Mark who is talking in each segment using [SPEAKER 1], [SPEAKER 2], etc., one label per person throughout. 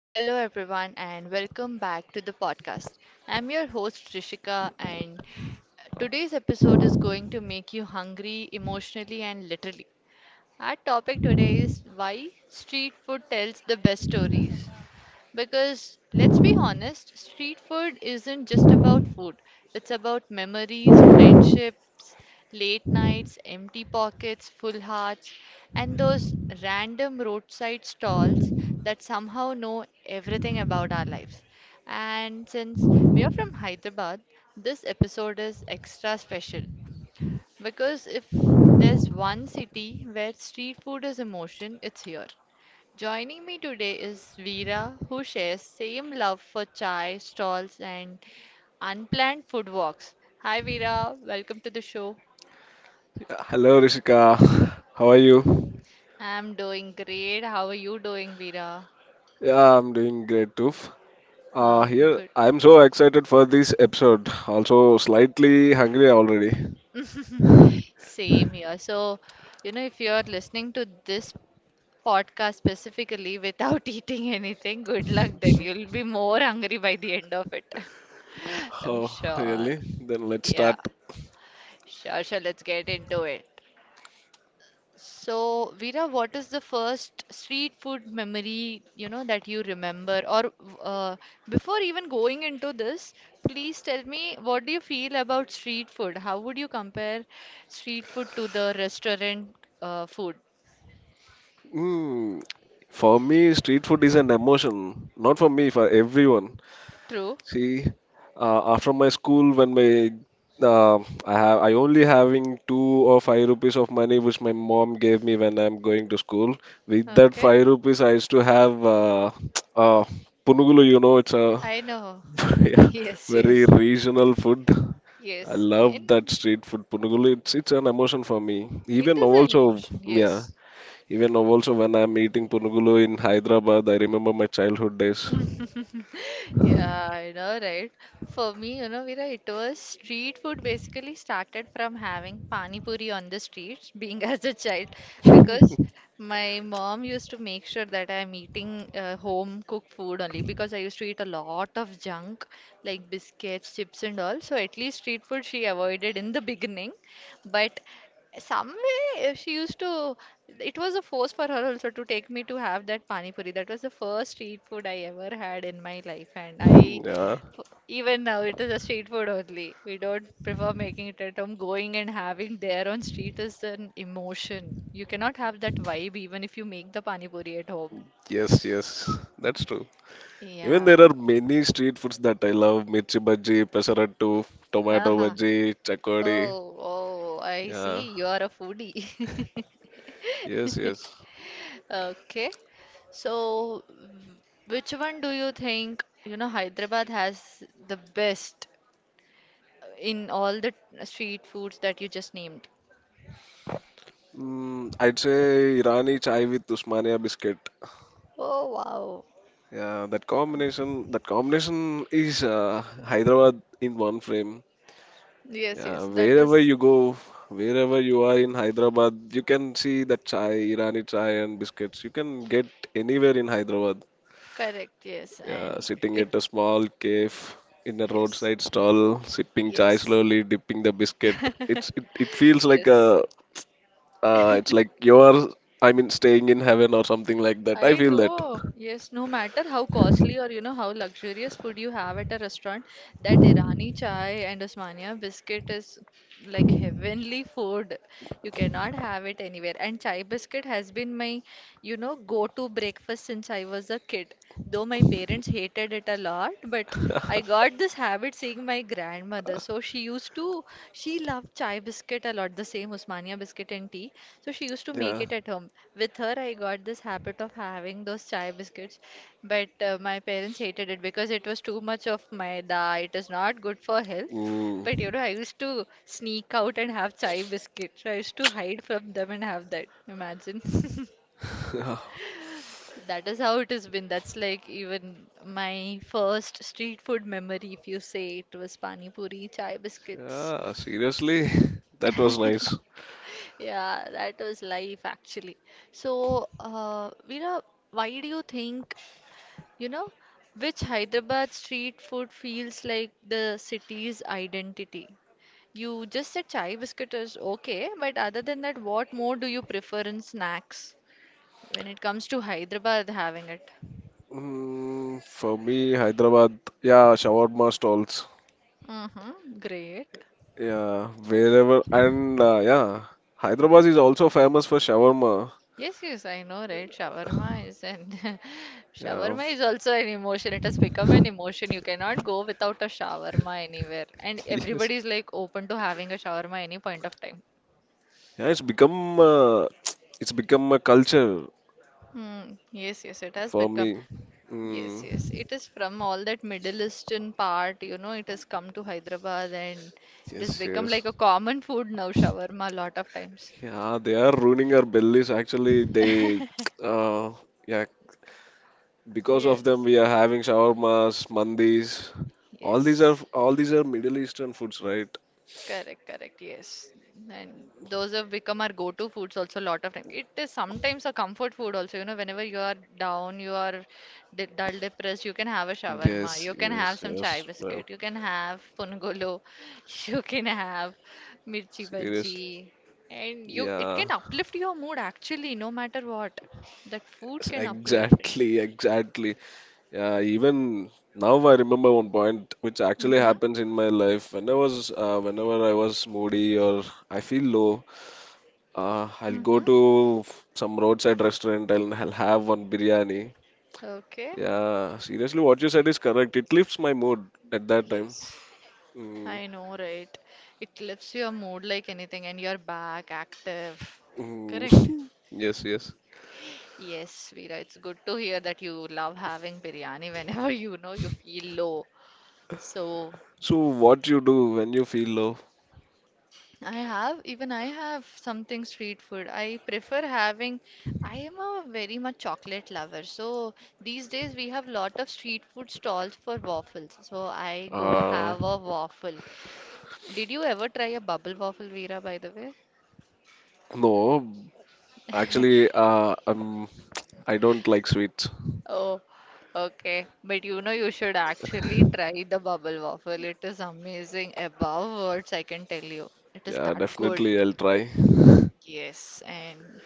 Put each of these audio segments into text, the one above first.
[SPEAKER 1] Hello, everyone, and welcome back to the podcast. I'm your host, Trishika, and today's episode is going to make you hungry emotionally and literally. Our topic today is why street food tells the best stories. Because let's be honest, street food isn't just about food. It's about memories, friendships, late nights, empty pockets, full hearts, and those random roadside stalls that somehow know everything about our lives. And since we are from Hyderabad, this episode is extra special because if there's one city where street food is emotion, it's here. Joining me today is Veera, who shares same love for chai stalls and unplanned food walks. Hi Veera, welcome to the show.
[SPEAKER 2] Hello, Rishika. How are you?
[SPEAKER 1] I'm doing great. How are you doing, Veera?
[SPEAKER 2] Yeah, I'm doing great too.
[SPEAKER 1] Uh, good.
[SPEAKER 2] I'm so excited for this episode. Also, slightly hungry already.
[SPEAKER 1] Same here. So, you know, if you're listening to this podcast specifically without eating anything, good luck then. You'll be more hungry by the end of it. I'm
[SPEAKER 2] Oh,
[SPEAKER 1] sure.
[SPEAKER 2] really? Then let's
[SPEAKER 1] Yeah.
[SPEAKER 2] start.
[SPEAKER 1] Sure, sure. Let's get into it. So, Veera, what is the first street food memory, you know, that you remember? Or uh, before even going into this, please tell me what do you feel about street food? How would you compare street food to the restaurant food?
[SPEAKER 2] Mm. For me, street food is an emotion. Not for me, for everyone.
[SPEAKER 1] True.
[SPEAKER 2] See, after my school, when my uh, I only having two or five rupees of money which my mom gave me when I'm going to school. With that
[SPEAKER 1] Okay.
[SPEAKER 2] five rupees, I used to have uh, punugulu. You know, it's a
[SPEAKER 1] I know.
[SPEAKER 2] yeah,
[SPEAKER 1] Yes,
[SPEAKER 2] very
[SPEAKER 1] yes.
[SPEAKER 2] regional food. I
[SPEAKER 1] Yes.
[SPEAKER 2] love
[SPEAKER 1] And
[SPEAKER 2] that street food punugulu. It's an emotion for me.
[SPEAKER 1] it
[SPEAKER 2] Even now
[SPEAKER 1] is an
[SPEAKER 2] also,
[SPEAKER 1] emotion.
[SPEAKER 2] yeah,
[SPEAKER 1] Yes.
[SPEAKER 2] even now also when I'm eating punugulu in Hyderabad, I remember my childhood days.
[SPEAKER 1] Yeah, I know, right? For me, you know, Veera, it was street food basically started from having pani puri on the streets, being as a child, because my mom used to make sure that I'm eating home cooked food only because I used to eat a lot of junk like biscuits, chips, and all. So at least street food she avoided in the beginning. But some way it was a force for her also to take me to have that pani puri. That was the first street food I ever had in my life, and
[SPEAKER 2] Yeah.
[SPEAKER 1] even now it is a street food only. We don't prefer making it at home. Going and having there on street is an emotion. You cannot have that vibe even if you make the pani puri at home.
[SPEAKER 2] Yes, yes, that's true. Even
[SPEAKER 1] Yeah.
[SPEAKER 2] there are many street foods that I love: mirchi bhaji, pesarattu, tomato
[SPEAKER 1] Aha.
[SPEAKER 2] bhaji, chakodi.
[SPEAKER 1] Oh, oh, I
[SPEAKER 2] Yeah,
[SPEAKER 1] see. You are a foodie.
[SPEAKER 2] yes, yes.
[SPEAKER 1] Okay. So which one do you think, you know, Hyderabad has the best in all the street foods that you just named?
[SPEAKER 2] Mm, I'd say Irani chai with Usmania biscuit.
[SPEAKER 1] Oh, wow.
[SPEAKER 2] Yeah, that combination is Hyderabad in one frame.
[SPEAKER 1] Yes,
[SPEAKER 2] Yeah,
[SPEAKER 1] yes, that
[SPEAKER 2] wherever
[SPEAKER 1] is
[SPEAKER 2] you go, wherever you are in Hyderabad, you can see that chai, Irani chai and biscuits. You can get anywhere in Hyderabad.
[SPEAKER 1] correct. Yes,
[SPEAKER 2] Yeah,
[SPEAKER 1] and
[SPEAKER 2] sitting
[SPEAKER 1] it,
[SPEAKER 2] at a small cave in a
[SPEAKER 1] yes,
[SPEAKER 2] roadside stall, sipping chai
[SPEAKER 1] yes,
[SPEAKER 2] slowly, dipping the biscuit. It's it, it feels like
[SPEAKER 1] yes.
[SPEAKER 2] a it's like you're staying in heaven or something like that. I
[SPEAKER 1] I
[SPEAKER 2] feel that.
[SPEAKER 1] know. Yes, no matter how costly or you know how luxurious food you have at a restaurant, that Irani chai and Osmania biscuit is like heavenly food. You cannot have it anywhere. And chai biscuit has been my, you know, go-to breakfast since I was a kid. Though my parents hated it a lot, but I got this habit seeing my grandmother. She loved chai biscuit a lot, the same Osmania biscuit and tea. So she used to make
[SPEAKER 2] Yeah.
[SPEAKER 1] it at home. With her, I got this habit of having those chai biscuits, but my parents hated it because it was too much of maida. It is not good for health. But you
[SPEAKER 2] Mm.
[SPEAKER 1] know, I used to sneak out and have chai biscuits. I used to hide from them and have that. Imagine. That is how it has been. That's like even my first street food memory, if you say it was pani puri, chai biscuits.
[SPEAKER 2] Yeah, seriously, that was nice.
[SPEAKER 1] Yeah, that was life actually. So, Veera, why do you think, you know, which Hyderabad street food feels like the city's identity? You just said chai biscuit is okay, but other than that, what more do you prefer in snacks when it comes to Hyderabad having it?
[SPEAKER 2] Mm, for me, Hyderabad, yeah, shawarma stalls.
[SPEAKER 1] Mm-hmm, great.
[SPEAKER 2] Yeah, wherever and yeah, Hyderabad
[SPEAKER 1] Yeah.
[SPEAKER 2] is also famous for shawarma.
[SPEAKER 1] Yes, yes, I know, right? Shawarma is an
[SPEAKER 2] Yeah,
[SPEAKER 1] shawarma is also an emotion. It has become an emotion. You cannot go without a shawarma anywhere. And
[SPEAKER 2] yes.
[SPEAKER 1] everybody is like open to having a shawarma any point of time.
[SPEAKER 2] Yeah, it's become a culture
[SPEAKER 1] Hmm. Yes, yes, it has
[SPEAKER 2] for
[SPEAKER 1] become.
[SPEAKER 2] me.
[SPEAKER 1] Yes,
[SPEAKER 2] Mm,
[SPEAKER 1] yes. It is from all that Middle Eastern part, you know, it has come to Hyderabad and it has
[SPEAKER 2] yes,
[SPEAKER 1] become
[SPEAKER 2] yes.
[SPEAKER 1] like a common food now, shawarma, a lot of times.
[SPEAKER 2] Yeah, they are ruining our bellies. Actually, they uh, yeah, because of them
[SPEAKER 1] Yes,
[SPEAKER 2] we are having shawarmas, mandis. All these are
[SPEAKER 1] yes.
[SPEAKER 2] all these are Middle Eastern foods, right?
[SPEAKER 1] Correct, correct, yes. And those have become our go-to foods also a lot of time. It is sometimes a comfort food also, you know, whenever you are down, you are de dull, depressed, you can have a shawarma,
[SPEAKER 2] Yes,
[SPEAKER 1] you can have
[SPEAKER 2] yes,
[SPEAKER 1] some chai
[SPEAKER 2] yes. Well,
[SPEAKER 1] biscuit, you can have punugolo, you can have mirchi
[SPEAKER 2] seriously.
[SPEAKER 1] bhaji, and you it
[SPEAKER 2] Yeah,
[SPEAKER 1] can uplift your mood actually, no matter what. That food can uplift it.
[SPEAKER 2] exactly, exactly. Yeah, even now I remember one point which actually
[SPEAKER 1] Mm-hmm.
[SPEAKER 2] happens in my life. When I was, whenever I was moody or I feel low, I'll go
[SPEAKER 1] Mm-hmm.
[SPEAKER 2] to some roadside restaurant and I'll have one biryani.
[SPEAKER 1] Okay.
[SPEAKER 2] Yeah, seriously, what you said is correct. It lifts my mood at that time.
[SPEAKER 1] Yes.
[SPEAKER 2] Mm,
[SPEAKER 1] I know, right? It lifts your mood like anything, and you're back active.
[SPEAKER 2] mm.
[SPEAKER 1] Correct?
[SPEAKER 2] Yes, yes.
[SPEAKER 1] Yes, Veera, it's good to hear that you love having biryani whenever you know you feel low. So,
[SPEAKER 2] So what you do when you feel low?
[SPEAKER 1] even I have something street food. I am a very much chocolate lover. So, these days we have lot of street food stalls for waffles. So, I go
[SPEAKER 2] Uh,
[SPEAKER 1] have a waffle. Did you ever try a bubble waffle, Veera, by the way?
[SPEAKER 2] no, actually, I don't like sweets.
[SPEAKER 1] Oh, okay. But you know, you should actually try the bubble waffle. It is amazing. Above words, I can tell you. It is
[SPEAKER 2] Yeah,
[SPEAKER 1] that good.
[SPEAKER 2] definitely I'll try.
[SPEAKER 1] Yes, and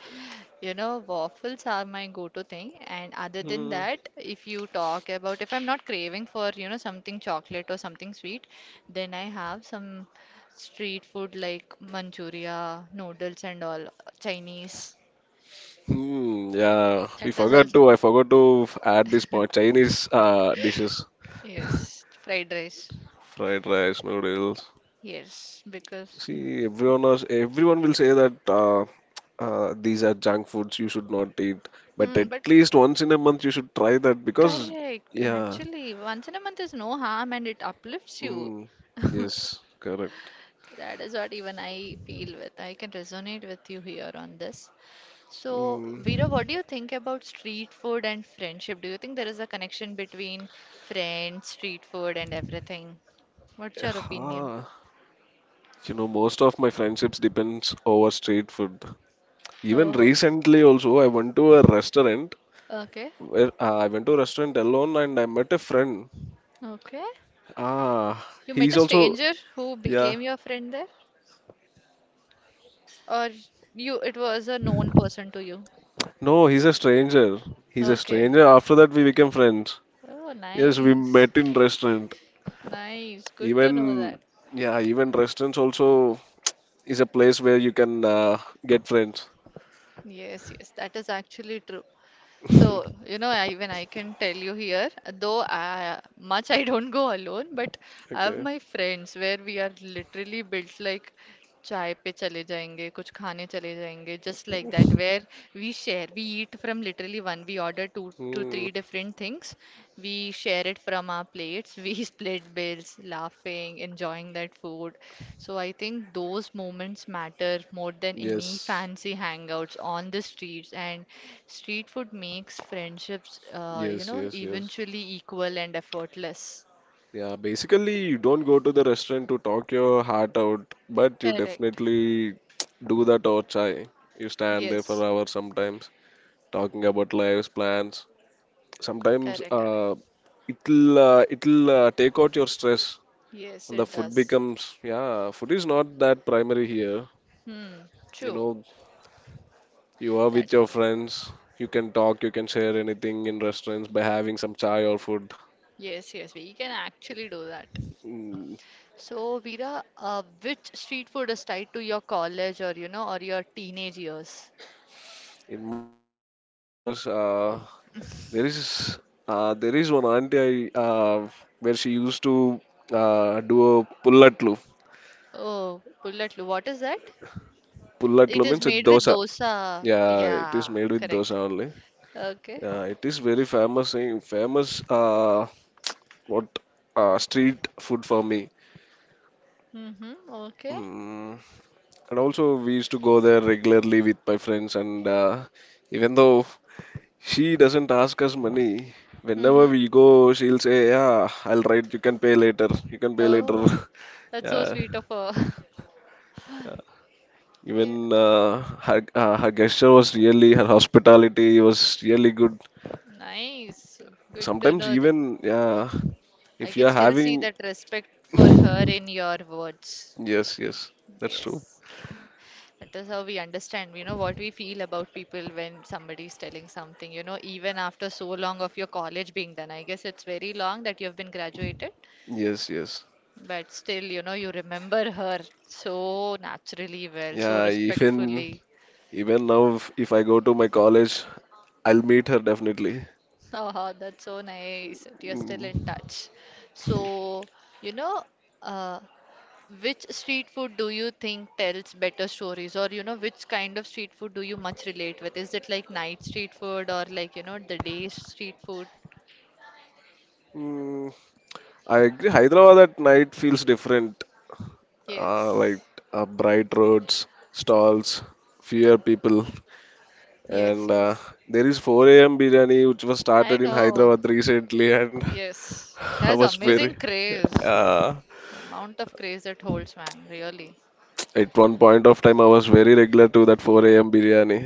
[SPEAKER 1] you know, waffles are my go-to thing. And other than
[SPEAKER 2] Hmm.
[SPEAKER 1] that, if you talk about, if I'm not craving for, you know, something chocolate or something sweet, then I have some street food like Manchuria, noodles and all, Chinese.
[SPEAKER 2] Hmm, yeah, we
[SPEAKER 1] That is
[SPEAKER 2] forgot
[SPEAKER 1] also,
[SPEAKER 2] to. I forgot to add this point. Chinese dishes,
[SPEAKER 1] yes, fried rice.
[SPEAKER 2] fried rice, noodles.
[SPEAKER 1] Yes, because mm,
[SPEAKER 2] See, everyone will say that these are junk foods. You should not eat. But
[SPEAKER 1] hmm,
[SPEAKER 2] at
[SPEAKER 1] but
[SPEAKER 2] least once in a month, you should try that because,
[SPEAKER 1] correct.
[SPEAKER 2] yeah.
[SPEAKER 1] Actually, once in a month is no harm and it uplifts you.
[SPEAKER 2] Mm, yes, correct.
[SPEAKER 1] That is what even I feel with. I can resonate with you here on this. So, Veera,
[SPEAKER 2] Mm.
[SPEAKER 1] what do you think about street food and friendship? Do you think there is a connection between friends, street food, and everything? What's your opinion?
[SPEAKER 2] Ah, you know, most of my friendships depends over street food. Even
[SPEAKER 1] Oh,
[SPEAKER 2] recently also,
[SPEAKER 1] okay.
[SPEAKER 2] I went to a restaurant alone and I met a friend.
[SPEAKER 1] Okay.
[SPEAKER 2] Ah,
[SPEAKER 1] You met
[SPEAKER 2] he's
[SPEAKER 1] a
[SPEAKER 2] also
[SPEAKER 1] stranger who
[SPEAKER 2] yeah.
[SPEAKER 1] became your friend there? Or you it was a known person to you?
[SPEAKER 2] No, he's a stranger. He's a
[SPEAKER 1] Okay.
[SPEAKER 2] stranger. After that, we became friends.
[SPEAKER 1] Oh,
[SPEAKER 2] Yes, we
[SPEAKER 1] nice.
[SPEAKER 2] met in restaurant.
[SPEAKER 1] Nice, good to know
[SPEAKER 2] Even
[SPEAKER 1] that.
[SPEAKER 2] yeah, even restaurants also is a place where you can get friends.
[SPEAKER 1] Yes, yes, that is actually true. So, you know, even I can tell you here, though much I don't go alone, but I have
[SPEAKER 2] Okay.
[SPEAKER 1] my friends where we are literally built like चाय पे चले जाएंगे कुछ खाने चले जाएंगे just like that where we eat from literally one we order two to
[SPEAKER 2] Mm,
[SPEAKER 1] three different things. We share it from our plates. We split bills, laughing, enjoying that food. So I think those moments matter more than any
[SPEAKER 2] yes.
[SPEAKER 1] fancy hangouts on the streets. And street food makes friendships, you
[SPEAKER 2] Yes.
[SPEAKER 1] know,
[SPEAKER 2] Yes. Yes.
[SPEAKER 1] eventually equal and effortless.
[SPEAKER 2] Yeah, basically, you don't go to the restaurant to talk your heart out, but you
[SPEAKER 1] Correct.
[SPEAKER 2] definitely do that or chai. You stand there for
[SPEAKER 1] Yes.
[SPEAKER 2] hours sometimes, talking about lives, plans. Sometimes
[SPEAKER 1] Correct, correct.
[SPEAKER 2] it'll take out your stress,
[SPEAKER 1] Yes,
[SPEAKER 2] and the
[SPEAKER 1] it
[SPEAKER 2] food
[SPEAKER 1] does.
[SPEAKER 2] becomes yeah. Food is not that primary here.
[SPEAKER 1] Hmm.
[SPEAKER 2] You
[SPEAKER 1] True.
[SPEAKER 2] know, you are
[SPEAKER 1] That
[SPEAKER 2] with your friends. You can talk. You can share anything in restaurants by having some chai or food.
[SPEAKER 1] yes, yes, we can actually do that.
[SPEAKER 2] Mm,
[SPEAKER 1] So, Veera, which street food is tied to your college or you know or your teenage years?
[SPEAKER 2] in my teenage years, There is there is one auntie I, where she used to do a pullatlu.
[SPEAKER 1] Oh, bulletlu, what is that? It
[SPEAKER 2] Pullatlu
[SPEAKER 1] is
[SPEAKER 2] means a
[SPEAKER 1] made with
[SPEAKER 2] dosa.
[SPEAKER 1] dosa.
[SPEAKER 2] Yeah, it is
[SPEAKER 1] Yeah,
[SPEAKER 2] made with dosa
[SPEAKER 1] correct.
[SPEAKER 2] only.
[SPEAKER 1] Okay.
[SPEAKER 2] Yeah, it is famous what street food for me.
[SPEAKER 1] Mm-hmm. Okay.
[SPEAKER 2] Mm, and also we used to go there regularly with my friends and even though she doesn't ask us money, whenever
[SPEAKER 1] Mm-hmm.
[SPEAKER 2] we go she'll say, "Yeah, I'll write. You can pay later. You can pay later."
[SPEAKER 1] Oh, that's so
[SPEAKER 2] Yeah,
[SPEAKER 1] sweet of her. Yeah,
[SPEAKER 2] even her gesture was really her hospitality was really good.
[SPEAKER 1] nice. Good to
[SPEAKER 2] Sometimes
[SPEAKER 1] know that.
[SPEAKER 2] even
[SPEAKER 1] I
[SPEAKER 2] if
[SPEAKER 1] can
[SPEAKER 2] you are
[SPEAKER 1] still see
[SPEAKER 2] having
[SPEAKER 1] that respect for her in your words.
[SPEAKER 2] yes, yes, that's true.
[SPEAKER 1] Yes. That is how we understand, you know, what we feel about people when somebody is telling something, you know, even after so long of your college being done. I guess it's very long that you have been graduated,
[SPEAKER 2] Yes, yes,
[SPEAKER 1] but still, you know, you remember her so naturally well, so
[SPEAKER 2] yeah,
[SPEAKER 1] respectfully.
[SPEAKER 2] even now if I go to my college I'll meet her definitely.
[SPEAKER 1] Oh, that's so nice. That you're still in
[SPEAKER 2] Mm.
[SPEAKER 1] touch. So, you know, uh, which street food do you think tells better stories, or you know, which kind of street food do you much relate with? Is it like night street food or like you know, the day street food?
[SPEAKER 2] Mm, I agree. Hyderabad at night feels different. Uh, like
[SPEAKER 1] Yes.
[SPEAKER 2] bright roads, stalls, fewer people.
[SPEAKER 1] Yes,
[SPEAKER 2] And
[SPEAKER 1] yes.
[SPEAKER 2] there is 4 a.m. biryani, which was
[SPEAKER 1] I
[SPEAKER 2] started in
[SPEAKER 1] know.
[SPEAKER 2] Hyderabad recently, and
[SPEAKER 1] Yes. It
[SPEAKER 2] I
[SPEAKER 1] has
[SPEAKER 2] was
[SPEAKER 1] amazing
[SPEAKER 2] very
[SPEAKER 1] craze.
[SPEAKER 2] uh,
[SPEAKER 1] The amount of craze it holds, man, really.
[SPEAKER 2] at one point of time I was very regular to that 4 a.m. biryani.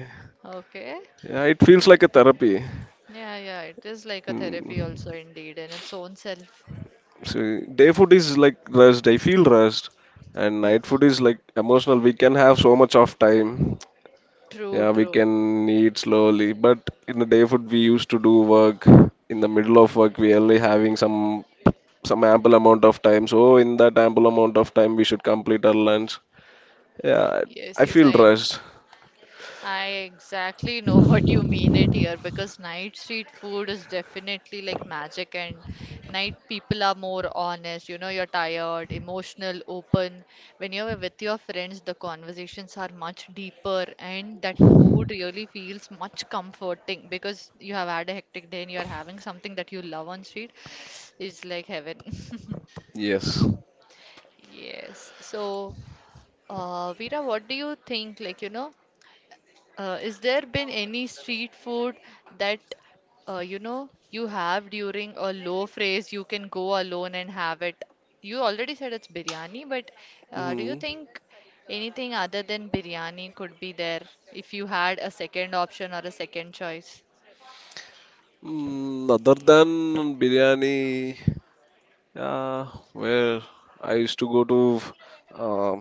[SPEAKER 1] Okay.
[SPEAKER 2] Yeah, it feels like a therapy.
[SPEAKER 1] Yeah, yeah, it is like a therapy also
[SPEAKER 2] Hmm.
[SPEAKER 1] indeed in its own self.
[SPEAKER 2] So day food is like rest. I feel rest, and night food
[SPEAKER 1] Hmm.
[SPEAKER 2] is like emotional. We can have so much of time.
[SPEAKER 1] True,
[SPEAKER 2] Yeah, we
[SPEAKER 1] true.
[SPEAKER 2] can eat slowly, but in the day food we used to do work. In the middle of work, we only having some ample amount of time. So in that ample amount of time, we should complete our lunch. Yeah,
[SPEAKER 1] Yes,
[SPEAKER 2] I
[SPEAKER 1] yes,
[SPEAKER 2] feel
[SPEAKER 1] I
[SPEAKER 2] rushed.
[SPEAKER 1] I exactly know what you mean it here because night street food is definitely like magic and night people are more honest. You know, you're tired, emotional, open. When you're with your friends, the conversations are much deeper and that food really feels much comforting because you have had a hectic day and you're having something that you love on street. It's like heaven.
[SPEAKER 2] Yes.
[SPEAKER 1] Yes. So, Veera, what do you think? Like, you know, is there been any street food that you know you have during a low phase? You can go alone and have it. You already said it's biryani, but do you
[SPEAKER 2] Mm.
[SPEAKER 1] think anything other than biryani could be there if you had a second option or a second choice?
[SPEAKER 2] Mm, other than biryani, yeah, where I used to go to uh,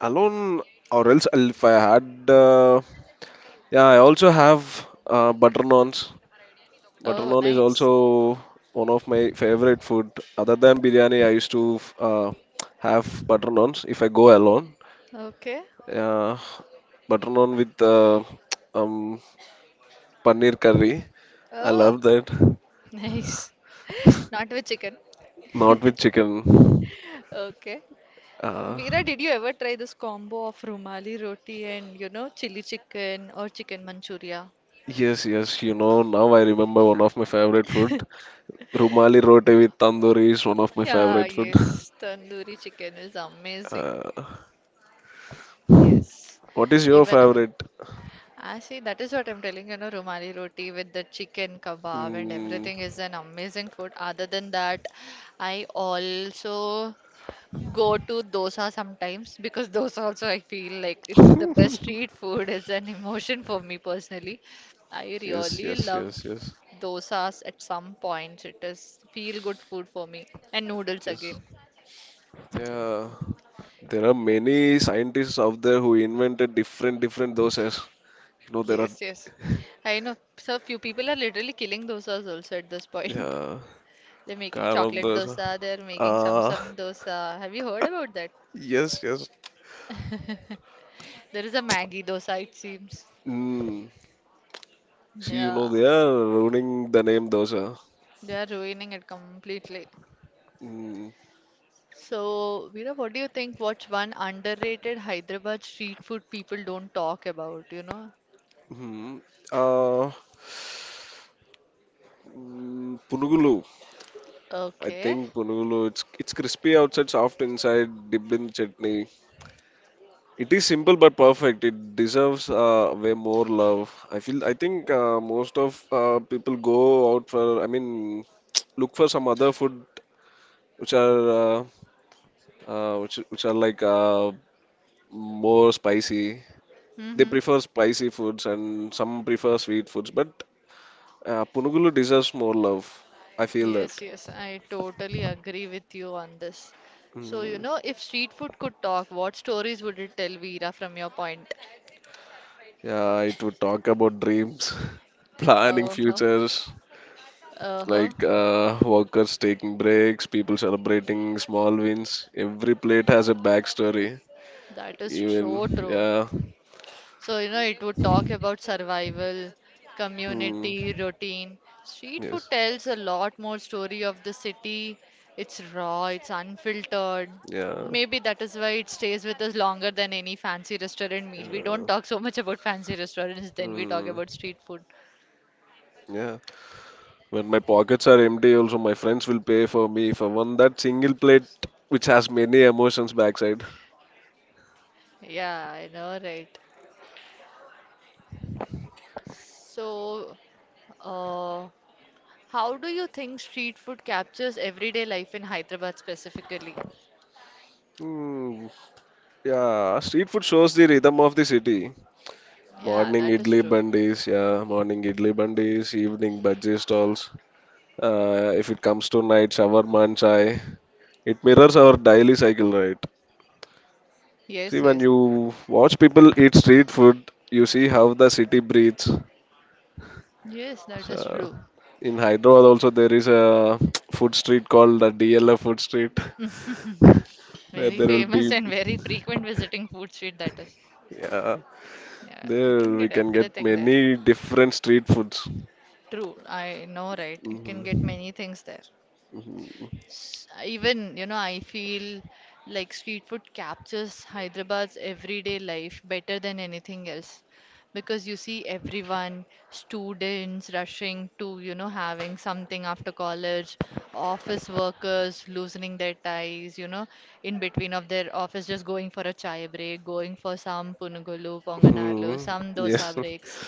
[SPEAKER 2] alone, or else if I had, yeah, I also have butter naans. Butter
[SPEAKER 1] Oh,
[SPEAKER 2] naan is also
[SPEAKER 1] nice.
[SPEAKER 2] one of my favorite food. Other than biryani, I used to have butter naans if I go alone.
[SPEAKER 1] Okay.
[SPEAKER 2] Yeah, butter naan with um paneer curry. I
[SPEAKER 1] Oh,
[SPEAKER 2] love that.
[SPEAKER 1] nice. Not with chicken.
[SPEAKER 2] Not with chicken.
[SPEAKER 1] Okay.
[SPEAKER 2] Uh,
[SPEAKER 1] Veera, did you ever try this combo of rumali roti and you know chili chicken or chicken manchuria?
[SPEAKER 2] yes, yes. You know, now I remember one of my favorite food. Rumali roti with tandoori is one of my
[SPEAKER 1] Yeah,
[SPEAKER 2] favorite food.
[SPEAKER 1] yes, tandoori chicken is amazing.
[SPEAKER 2] Uh,
[SPEAKER 1] Yes,
[SPEAKER 2] what is your
[SPEAKER 1] even I.
[SPEAKER 2] favorite?
[SPEAKER 1] I see, that is what I'm telling you, know, Rumali roti with the chicken kebab and
[SPEAKER 2] Mm.
[SPEAKER 1] everything is an amazing food. Other than that, I also go to dosa sometimes because dosa also I feel like it's the best street food is an emotion for me personally. I
[SPEAKER 2] Yes,
[SPEAKER 1] really
[SPEAKER 2] yes,
[SPEAKER 1] love
[SPEAKER 2] yes, yes,
[SPEAKER 1] dosas at some points. It is feel good food for me and noodles
[SPEAKER 2] yes.
[SPEAKER 1] again.
[SPEAKER 2] Yeah. There are many scientists out there who invented different different doses. You know, there are
[SPEAKER 1] Yes, yes. I know. So few people are literally killing dosas also at this point.
[SPEAKER 2] yeah.
[SPEAKER 1] They're making chocolate
[SPEAKER 2] Karamdar.
[SPEAKER 1] dosa, they're making
[SPEAKER 2] Ah,
[SPEAKER 1] samsam dosa. Have you heard about that?
[SPEAKER 2] yes, yes.
[SPEAKER 1] There is a Maggi dosa, it seems.
[SPEAKER 2] Mm. See, you know,
[SPEAKER 1] Yeah,
[SPEAKER 2] they are ruining the name dosa.
[SPEAKER 1] they are ruining it completely.
[SPEAKER 2] Mm.
[SPEAKER 1] So, Veera, what do you think? What's one underrated Hyderabad street food people don't talk about, you know?
[SPEAKER 2] Hmm. Uh, Punugulu. I
[SPEAKER 1] Okay.
[SPEAKER 2] think Punugulu. It's crispy outside, soft inside, dipped in chutney. It is simple but perfect. It deserves way more love. I feel. I think most of people go out for. I mean, look for some other food which are uh, which are like more spicy. They
[SPEAKER 1] Mm-hmm.
[SPEAKER 2] prefer spicy foods and some prefer sweet foods, but Punugulu deserves more love. I feel that.
[SPEAKER 1] Yes, yes, I totally agree with you on this. So, you
[SPEAKER 2] Mm,
[SPEAKER 1] know, if street food could talk, what stories would it tell, Veera, from your point?
[SPEAKER 2] yeah, it would talk about dreams, planning
[SPEAKER 1] Uh-huh,
[SPEAKER 2] futures,
[SPEAKER 1] uh-huh.
[SPEAKER 2] like workers taking breaks, people celebrating small wins. Every plate has a backstory.
[SPEAKER 1] That is
[SPEAKER 2] Even
[SPEAKER 1] so true.
[SPEAKER 2] yeah,
[SPEAKER 1] So, you know, it would talk about survival,
[SPEAKER 2] hmm.
[SPEAKER 1] community, routine. Street food
[SPEAKER 2] Yes,
[SPEAKER 1] tells a lot more story of the city. It's raw, it's unfiltered.
[SPEAKER 2] yeah,
[SPEAKER 1] Maybe that is why it stays with us longer than any fancy restaurant meal. We don't
[SPEAKER 2] yeah.
[SPEAKER 1] talk so much about fancy restaurants, then we talk
[SPEAKER 2] Hmm.
[SPEAKER 1] about street food.
[SPEAKER 2] Yeah. When my pockets are empty, also my friends will pay for me for one that single plate which has many emotions backside.
[SPEAKER 1] Yeah, I know, right? So, uh, how do you think street food captures everyday life in Hyderabad specifically?
[SPEAKER 2] Hmm. Yeah, street food shows the rhythm of the city.
[SPEAKER 1] Yeah, that is true.
[SPEAKER 2] Morning idli bandis, evening bhaji stalls. If it comes to night, shawarma and chai. It mirrors our daily cycle, right? See,
[SPEAKER 1] Yes,
[SPEAKER 2] when
[SPEAKER 1] yes.
[SPEAKER 2] you watch people eat street food, you see how the city breathes.
[SPEAKER 1] Yes, that is
[SPEAKER 2] So,
[SPEAKER 1] true.
[SPEAKER 2] in Hyderabad also there is a food street called the DLF food street where
[SPEAKER 1] Very
[SPEAKER 2] there will
[SPEAKER 1] famous
[SPEAKER 2] be
[SPEAKER 1] and very frequent visiting food street, that is.
[SPEAKER 2] yeah
[SPEAKER 1] Yeah, you
[SPEAKER 2] there
[SPEAKER 1] can
[SPEAKER 2] we
[SPEAKER 1] get
[SPEAKER 2] can get
[SPEAKER 1] everything there.
[SPEAKER 2] many different street foods.
[SPEAKER 1] True, I know, right? You can get
[SPEAKER 2] Mhm.
[SPEAKER 1] many things there. S- Even, you know, I feel like street food captures Hyderabad's everyday life better than anything else because you see everyone, students rushing to, you know, having something after college, office workers loosening their ties, you know, in between of their office just going for a chai break, going for some punugulu, ponganalo,
[SPEAKER 2] Mhm.
[SPEAKER 1] some
[SPEAKER 2] Yes,
[SPEAKER 1] dosa breaks,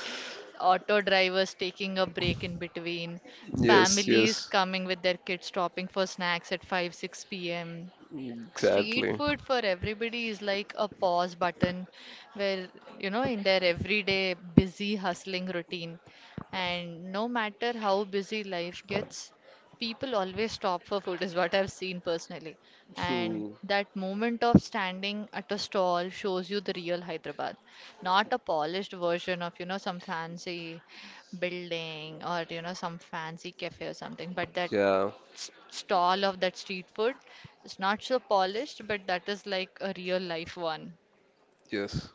[SPEAKER 1] auto drivers taking a break in between
[SPEAKER 2] yes,
[SPEAKER 1] families
[SPEAKER 2] yes,
[SPEAKER 1] coming with their kids stopping for snacks at 5, 6 p.m. Street
[SPEAKER 2] exactly.
[SPEAKER 1] food for everybody is like a pause button where, you know, in their everyday busy hustling routine. And no matter how busy life gets, people always stop for food, is what I've seen personally. And
[SPEAKER 2] Hmm.
[SPEAKER 1] that moment of standing at a stall shows you the real Hyderabad, not a polished version of, you know, some fancy building or, you know, some fancy cafe or something, but that
[SPEAKER 2] Yeah,
[SPEAKER 1] s- stall of that street food. It's not so polished, but that is like a real life one.
[SPEAKER 2] yes.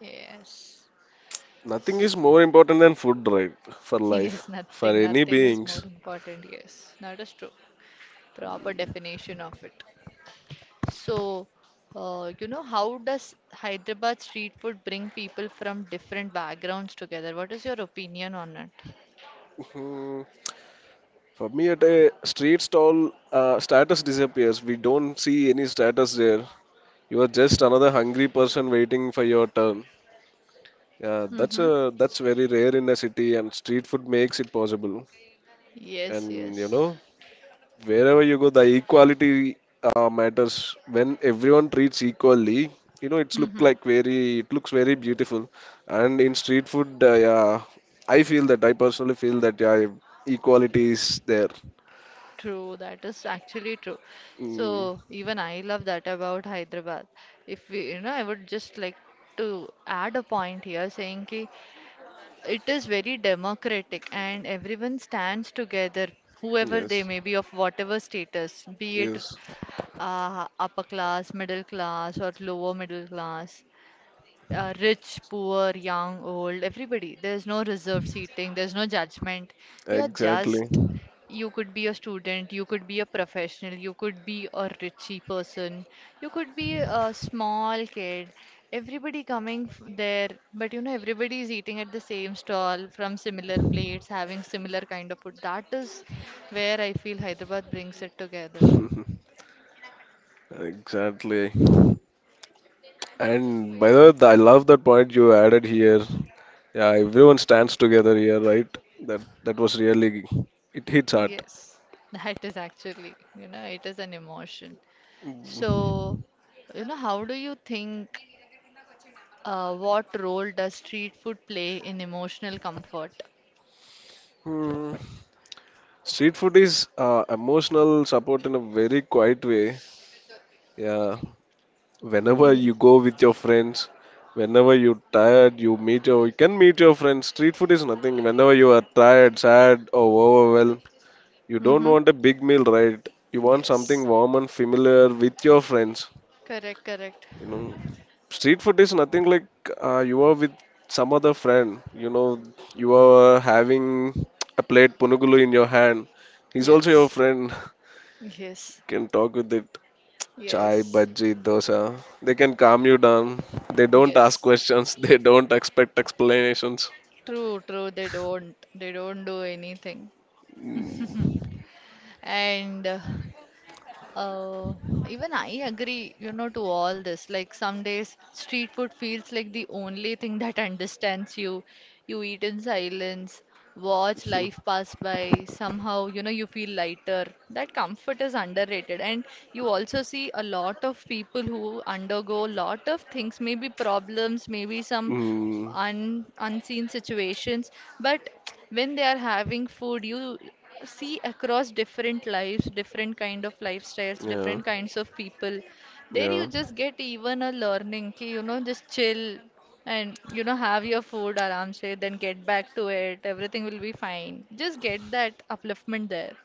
[SPEAKER 1] Yes.
[SPEAKER 2] Nothing is more important than food, right? For life,
[SPEAKER 1] Yes,
[SPEAKER 2] for
[SPEAKER 1] nothing,
[SPEAKER 2] any
[SPEAKER 1] nothing is more
[SPEAKER 2] beings.
[SPEAKER 1] important. Yes, that is true. Proper definition of it. So, you know, how does Hyderabad street food bring people from different backgrounds together? What is your opinion on it?
[SPEAKER 2] Hmm. For me, at a street stall, status disappears. We don't see any status there. You are just another hungry person waiting for your turn. Yeah,
[SPEAKER 1] Mm-hmm.
[SPEAKER 2] that's very rare in a city, and street food makes it possible.
[SPEAKER 1] Yes,
[SPEAKER 2] And you
[SPEAKER 1] yes.
[SPEAKER 2] know, wherever you go, the equality matters. When everyone treats equally, you know,
[SPEAKER 1] Mm-hmm.
[SPEAKER 2] it looks very beautiful. And in street food, yeah, I personally feel that yeah, equality is there.
[SPEAKER 1] True, that is actually true.
[SPEAKER 2] Mm,
[SPEAKER 1] So even I love that about Hyderabad. If we, you know, I would just like to add a point here saying ki it is very democratic and everyone stands together, whoever they
[SPEAKER 2] yes.
[SPEAKER 1] may be of whatever status, be it
[SPEAKER 2] Yes,
[SPEAKER 1] upper class, middle class, or lower middle class rich, poor, young, old, everybody. There's no reserved seating, there's no judgment. You're
[SPEAKER 2] exactly.
[SPEAKER 1] just, you could be a student, you could be a professional, you could be a richy person, you could be a small kid. Everybody coming f- there, but you know, everybody is eating at the same stall from similar plates, having similar kind of food. That is where I feel Hyderabad brings it together.
[SPEAKER 2] Exactly. And by the way, I love that point you added here. Yeah, everyone stands together here, right? That was really it hits hard.
[SPEAKER 1] Yes. That is actually, you know, it is an emotion. So, you know, how do you think what role does street food play in emotional comfort?
[SPEAKER 2] Hmm. Street food is emotional support in a very quiet way. Yeah, whenever you
[SPEAKER 1] Yes.
[SPEAKER 2] go with your friends, whenever you're tired, you can meet your friends. Street food is nothing. Whenever you are tired, sad, or overwhelmed, you don't
[SPEAKER 1] Mm-hmm.
[SPEAKER 2] want a big meal, right? You want something
[SPEAKER 1] Yes.
[SPEAKER 2] warm and familiar with your friends.
[SPEAKER 1] Correct, correct.
[SPEAKER 2] You know, street food is nothing like you are with some other friend. You know, you are having a plate punugulu in your hand. He's also your
[SPEAKER 1] Yes.
[SPEAKER 2] friend.
[SPEAKER 1] Yes.
[SPEAKER 2] You can talk with it. Chai,
[SPEAKER 1] Yes.
[SPEAKER 2] bhaji, dosa. They can calm you down. They don't ask
[SPEAKER 1] Yes.
[SPEAKER 2] questions. They don't expect explanations.
[SPEAKER 1] True, true. They don't. They don't do anything. And Uh, even I agree, you know, to all this. Like some days, street food feels like the only thing that understands you. You eat in silence, watch life pass by. Somehow, you know, you feel lighter. That comfort is underrated. And you also see a lot of people who undergo a lot of things, maybe problems, maybe some
[SPEAKER 2] Mm,
[SPEAKER 1] unseen situations but when they are having food you see across different lives different kind of lifestyles
[SPEAKER 2] mm,
[SPEAKER 1] different kinds of people there you
[SPEAKER 2] yeah,
[SPEAKER 1] just get even a learning ki, you know just chill and you know have your food aram se then get back to it everything will be fine just get that upliftment there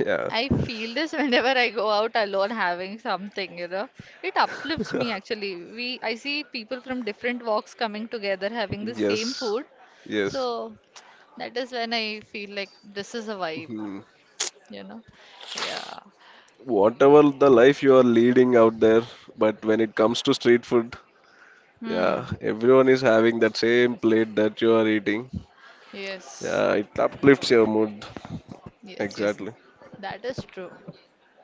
[SPEAKER 2] yeah,
[SPEAKER 1] I feel this whenever I go out alone having something, you know. It uplifts
[SPEAKER 2] yeah.
[SPEAKER 1] me actually. We I see people from different walks coming together having the same
[SPEAKER 2] Yes,
[SPEAKER 1] food. So
[SPEAKER 2] yes.
[SPEAKER 1] that is when I feel like this is a vibe,
[SPEAKER 2] Mhm.
[SPEAKER 1] you know. Yeah.
[SPEAKER 2] Whatever the life you are leading out there, but when it comes to street food, yeah,
[SPEAKER 1] Hmm.
[SPEAKER 2] everyone is having that same plate that you are eating.
[SPEAKER 1] Yes.
[SPEAKER 2] Yeah, it uplifts your mood.
[SPEAKER 1] Yes, yes.
[SPEAKER 2] Exactly.
[SPEAKER 1] That is true.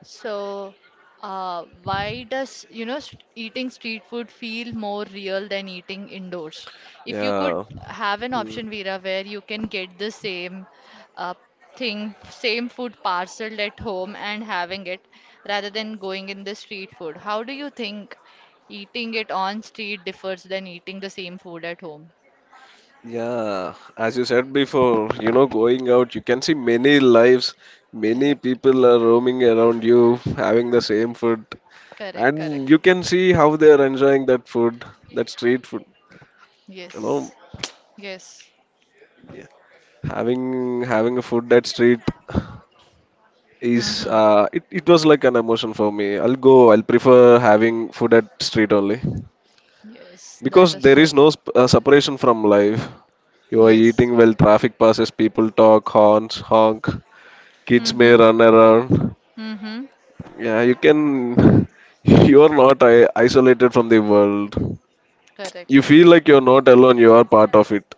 [SPEAKER 1] So, why does, you know, st eating street food feel more real than eating indoors? If you could
[SPEAKER 2] Yeah.
[SPEAKER 1] have an
[SPEAKER 2] Mm.
[SPEAKER 1] option, Veera, where you can get the same uh, thing, same food parcelled at home and having it rather than going in the street food, how do you think eating it on street differs than eating the same food at home?
[SPEAKER 2] Yeah. As you said before, you know, going out, you can see many lives, many
[SPEAKER 1] Correct.
[SPEAKER 2] people are roaming around you, having the same food,
[SPEAKER 1] Correct, correct.
[SPEAKER 2] and you can see how they are enjoying that food, that street food. You know.
[SPEAKER 1] Yes, yes.
[SPEAKER 2] Yeah. Having a food at street is
[SPEAKER 1] Mm-hmm.
[SPEAKER 2] it was like an emotion for me. I'll go. I'll prefer having food at street only
[SPEAKER 1] Yes, that
[SPEAKER 2] because
[SPEAKER 1] is
[SPEAKER 2] there
[SPEAKER 1] so
[SPEAKER 2] is
[SPEAKER 1] true.
[SPEAKER 2] no separation from life. You are
[SPEAKER 1] Yes.
[SPEAKER 2] eating while traffic passes, people talk, horns honk, kids may
[SPEAKER 1] Mm-hmm.
[SPEAKER 2] run around.
[SPEAKER 1] Mm-hmm.
[SPEAKER 2] Yeah, you can. You are not isolated from the world.
[SPEAKER 1] Correct.
[SPEAKER 2] You feel like you're not alone. You are part of it.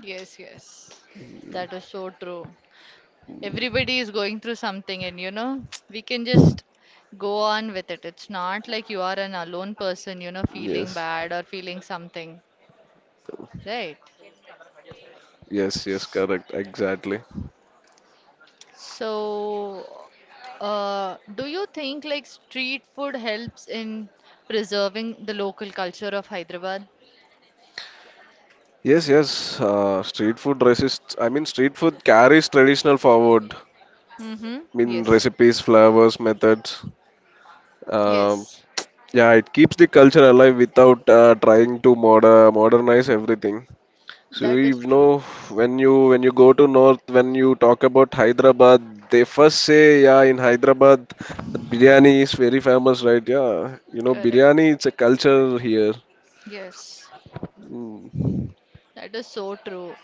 [SPEAKER 1] Yes, yes. That is so true. Everybody is going through something, and you know, we can just go on with it. It's not like you are an alone person, you know, feeling
[SPEAKER 2] Yes.
[SPEAKER 1] bad or feeling something, right?
[SPEAKER 2] Yes. Yes. Correct. Exactly.
[SPEAKER 1] So, do you think like street food helps in preserving the local culture of Hyderabad?
[SPEAKER 2] Yes, yes. Street food resists. I mean, street food carries traditional forward.
[SPEAKER 1] Mm-hmm.
[SPEAKER 2] I mean,
[SPEAKER 1] Yes.
[SPEAKER 2] recipes, flavors, methods. Um,
[SPEAKER 1] Yes.
[SPEAKER 2] yeah, it keeps the culture alive without trying to modernize everything. So
[SPEAKER 1] That is
[SPEAKER 2] you
[SPEAKER 1] true.
[SPEAKER 2] know, when you go to north, when you talk about Hyderabad, they first say, yeah, in Hyderabad, the biryani is very famous, right? Yeah, you know,
[SPEAKER 1] Correct.
[SPEAKER 2] biryani, it's a culture here.
[SPEAKER 1] Yes.
[SPEAKER 2] Mm.
[SPEAKER 1] That is so true.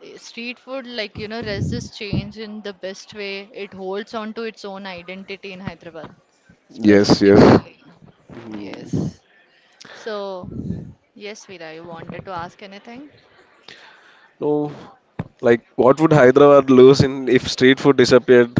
[SPEAKER 1] Eh, street food, like, you know, resists change in the best way. It holds on to its own identity in Hyderabad,
[SPEAKER 2] Yes, yes.
[SPEAKER 1] specifically.
[SPEAKER 2] Mm.
[SPEAKER 1] Yes. So, yes, Veera, you wanted to ask anything?
[SPEAKER 2] So, like, what would Hyderabad lose in if street food disappeared?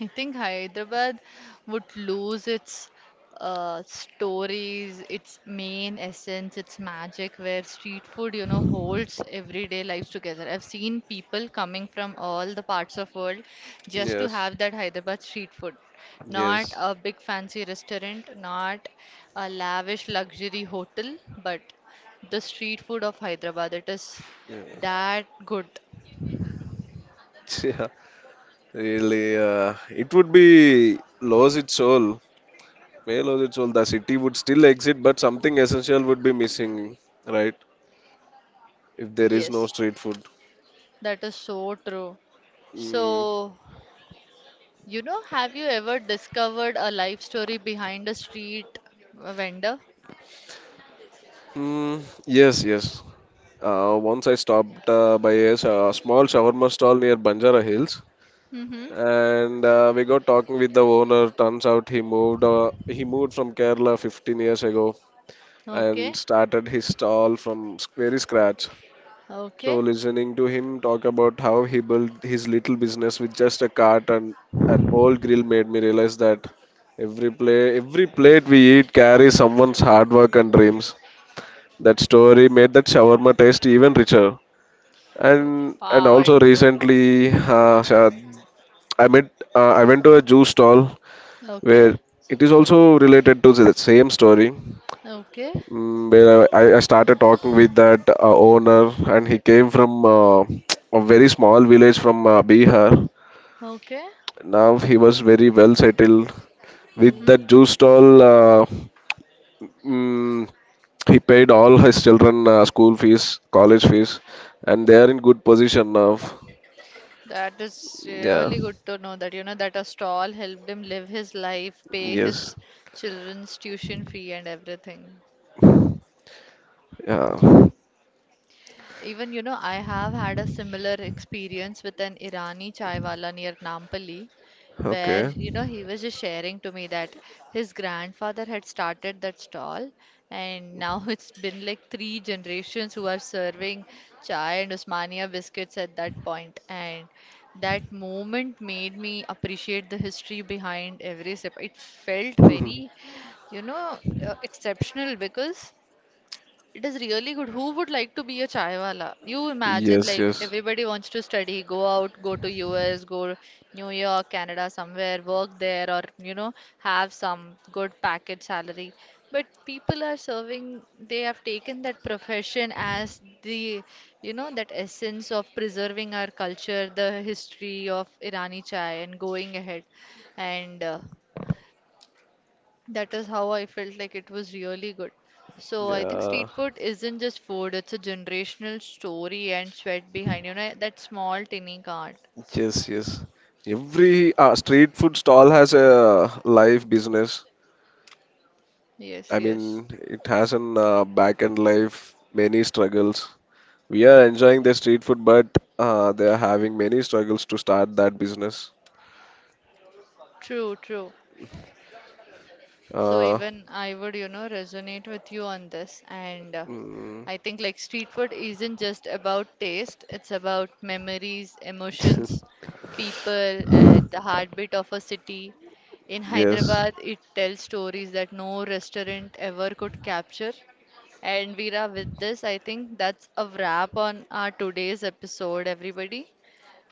[SPEAKER 1] I think Hyderabad would lose its stories, its main essence, its magic, where street food, you know, holds everyday lives together. I've seen people coming from all the parts of world just to
[SPEAKER 2] Yes,
[SPEAKER 1] have that Hyderabad street food. Not
[SPEAKER 2] yes,
[SPEAKER 1] a big fancy restaurant, not a lavish luxury hotel, but the street food of Hyderabad. It is
[SPEAKER 2] yes.
[SPEAKER 1] that good.
[SPEAKER 2] Yeah, really. It would be lose its soul. May lose its soul. The city would still exist, but something essential would be missing, right? If there is no
[SPEAKER 1] Yes,
[SPEAKER 2] street food.
[SPEAKER 1] that is so true.
[SPEAKER 2] Mm.
[SPEAKER 1] So, you know, have you ever discovered a life story behind a street vendor?
[SPEAKER 2] Mm, yes, yes. Once I stopped by a small shawarma stall near Banjara Hills,
[SPEAKER 1] Mm-hmm.
[SPEAKER 2] and we got talking with the owner. Turns out he moved from Kerala 15 years ago
[SPEAKER 1] Okay.
[SPEAKER 2] and started his stall from very scratch. So
[SPEAKER 1] Okay.
[SPEAKER 2] listening to him talk about how he built his little business with just a cart and an old grill made me realize that every plate we eat carries someone's hard work and dreams. That story made that shawarma taste even richer, and
[SPEAKER 1] Wow, I
[SPEAKER 2] also
[SPEAKER 1] totally.
[SPEAKER 2] recently I went to a juice stall
[SPEAKER 1] Okay.
[SPEAKER 2] where it is also related to the same story.
[SPEAKER 1] Okay.
[SPEAKER 2] Mm, where I started talking with that owner, and he came from a very small village from Bihar.
[SPEAKER 1] Okay.
[SPEAKER 2] Now he was very well settled with
[SPEAKER 1] Mm-hmm.
[SPEAKER 2] that juice stall, mm, he paid all his children school fees, college fees, and they are in good position now.
[SPEAKER 1] That is
[SPEAKER 2] Yeah.
[SPEAKER 1] really good to know that, you know, that a stall helped him live his life, pay his
[SPEAKER 2] Yes.
[SPEAKER 1] children's tuition fee and everything.
[SPEAKER 2] Yeah.
[SPEAKER 1] Even, you know, I have had a similar experience with an Irani chaiwala near Nampally, where,
[SPEAKER 2] Okay.
[SPEAKER 1] you know, he was just sharing to me that his grandfather had started that stall, and now it's been like three generations who are serving chai and Usmania biscuits at that point. And that moment made me appreciate the history behind every sip. It felt very, you know, exceptional because it is really good. Who would like to be a chaiwala? You imagine
[SPEAKER 2] Yes,
[SPEAKER 1] like
[SPEAKER 2] yes.
[SPEAKER 1] everybody wants to study, go out, go to US, go New York, Canada, somewhere, work there, or you know, have some good package salary. But people are serving, they have taken that profession as the, you know, that essence of preserving our culture, the history of Irani chai, and going ahead. And that is how I felt like it was really good. So I think street
[SPEAKER 2] Yeah.
[SPEAKER 1] food isn't just food, it's a generational story and sweat behind, you know, that small tiny cart.
[SPEAKER 2] Yes, yes. Every street food stall has a life business.
[SPEAKER 1] Yes,
[SPEAKER 2] I
[SPEAKER 1] yes.
[SPEAKER 2] mean, it has an back end life, many struggles. We are enjoying the street food, but they are having many struggles to start that business.
[SPEAKER 1] True, true. So
[SPEAKER 2] Uh,
[SPEAKER 1] even I would, you know, resonate with you on this. And
[SPEAKER 2] mm,
[SPEAKER 1] I think like street food isn't just about taste, it's about memories, emotions, people, and the heartbeat of a city. In
[SPEAKER 2] yes.
[SPEAKER 1] Hyderabad, it tells stories that no restaurant ever could capture. And Veera, with this, I think that's a wrap on our today's episode, everybody.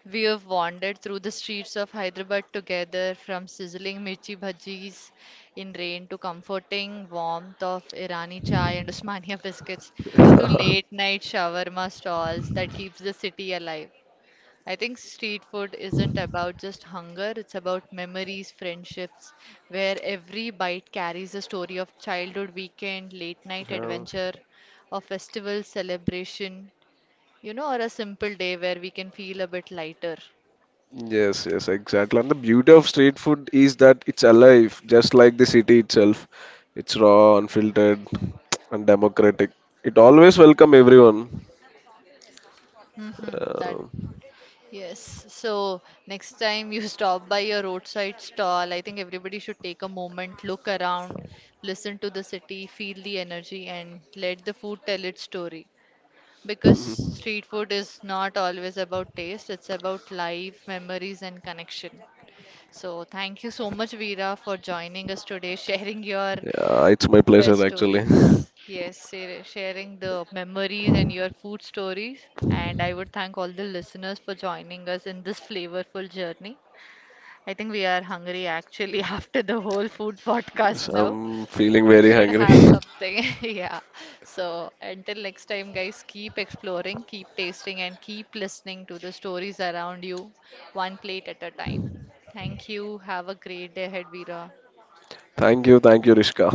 [SPEAKER 1] We have wandered through the streets of Hyderabad together, from sizzling mirchi bhajis in rain to comforting warmth of Irani chai and Usmania biscuits to late night shawarma stalls that keeps the city alive. I think street food isn't about just hunger, it's about memories, friendships, where every bite carries a story of childhood weekend, late night
[SPEAKER 2] Um,
[SPEAKER 1] adventure, a festival celebration, you know, or a simple day where we can feel a bit lighter.
[SPEAKER 2] yes, yes, exactly. And the beauty of street food is that it's alive, just like the city itself. It's raw, unfiltered, and democratic. It always welcome everyone.
[SPEAKER 1] Mm-hmm, that,
[SPEAKER 2] Uh,
[SPEAKER 1] yes. So next time you stop by a roadside stall, I think everybody should take a moment, look around, listen to the city, feel the energy, and let the food tell its story. Because
[SPEAKER 2] yeah,
[SPEAKER 1] street food is not always about taste, it's about life, memories, and connection. So, thank you so much, Veera, for joining us today, sharing your
[SPEAKER 2] it's my pleasure
[SPEAKER 1] best
[SPEAKER 2] actually.
[SPEAKER 1] stories. Yes, share- sharing the memories and your food stories. And I would thank all the listeners for joining us in this flavorful journey. I think we are hungry actually after the whole food
[SPEAKER 2] Yes,
[SPEAKER 1] podcast now.
[SPEAKER 2] I'm feeling very
[SPEAKER 1] Should
[SPEAKER 2] hungry.
[SPEAKER 1] have something. Yeah. So until next time, guys, keep exploring, keep tasting, and keep listening to the stories around you, one plate at a time. Thank you. Have a great day ahead, Veera.
[SPEAKER 2] Thank you, Rishka.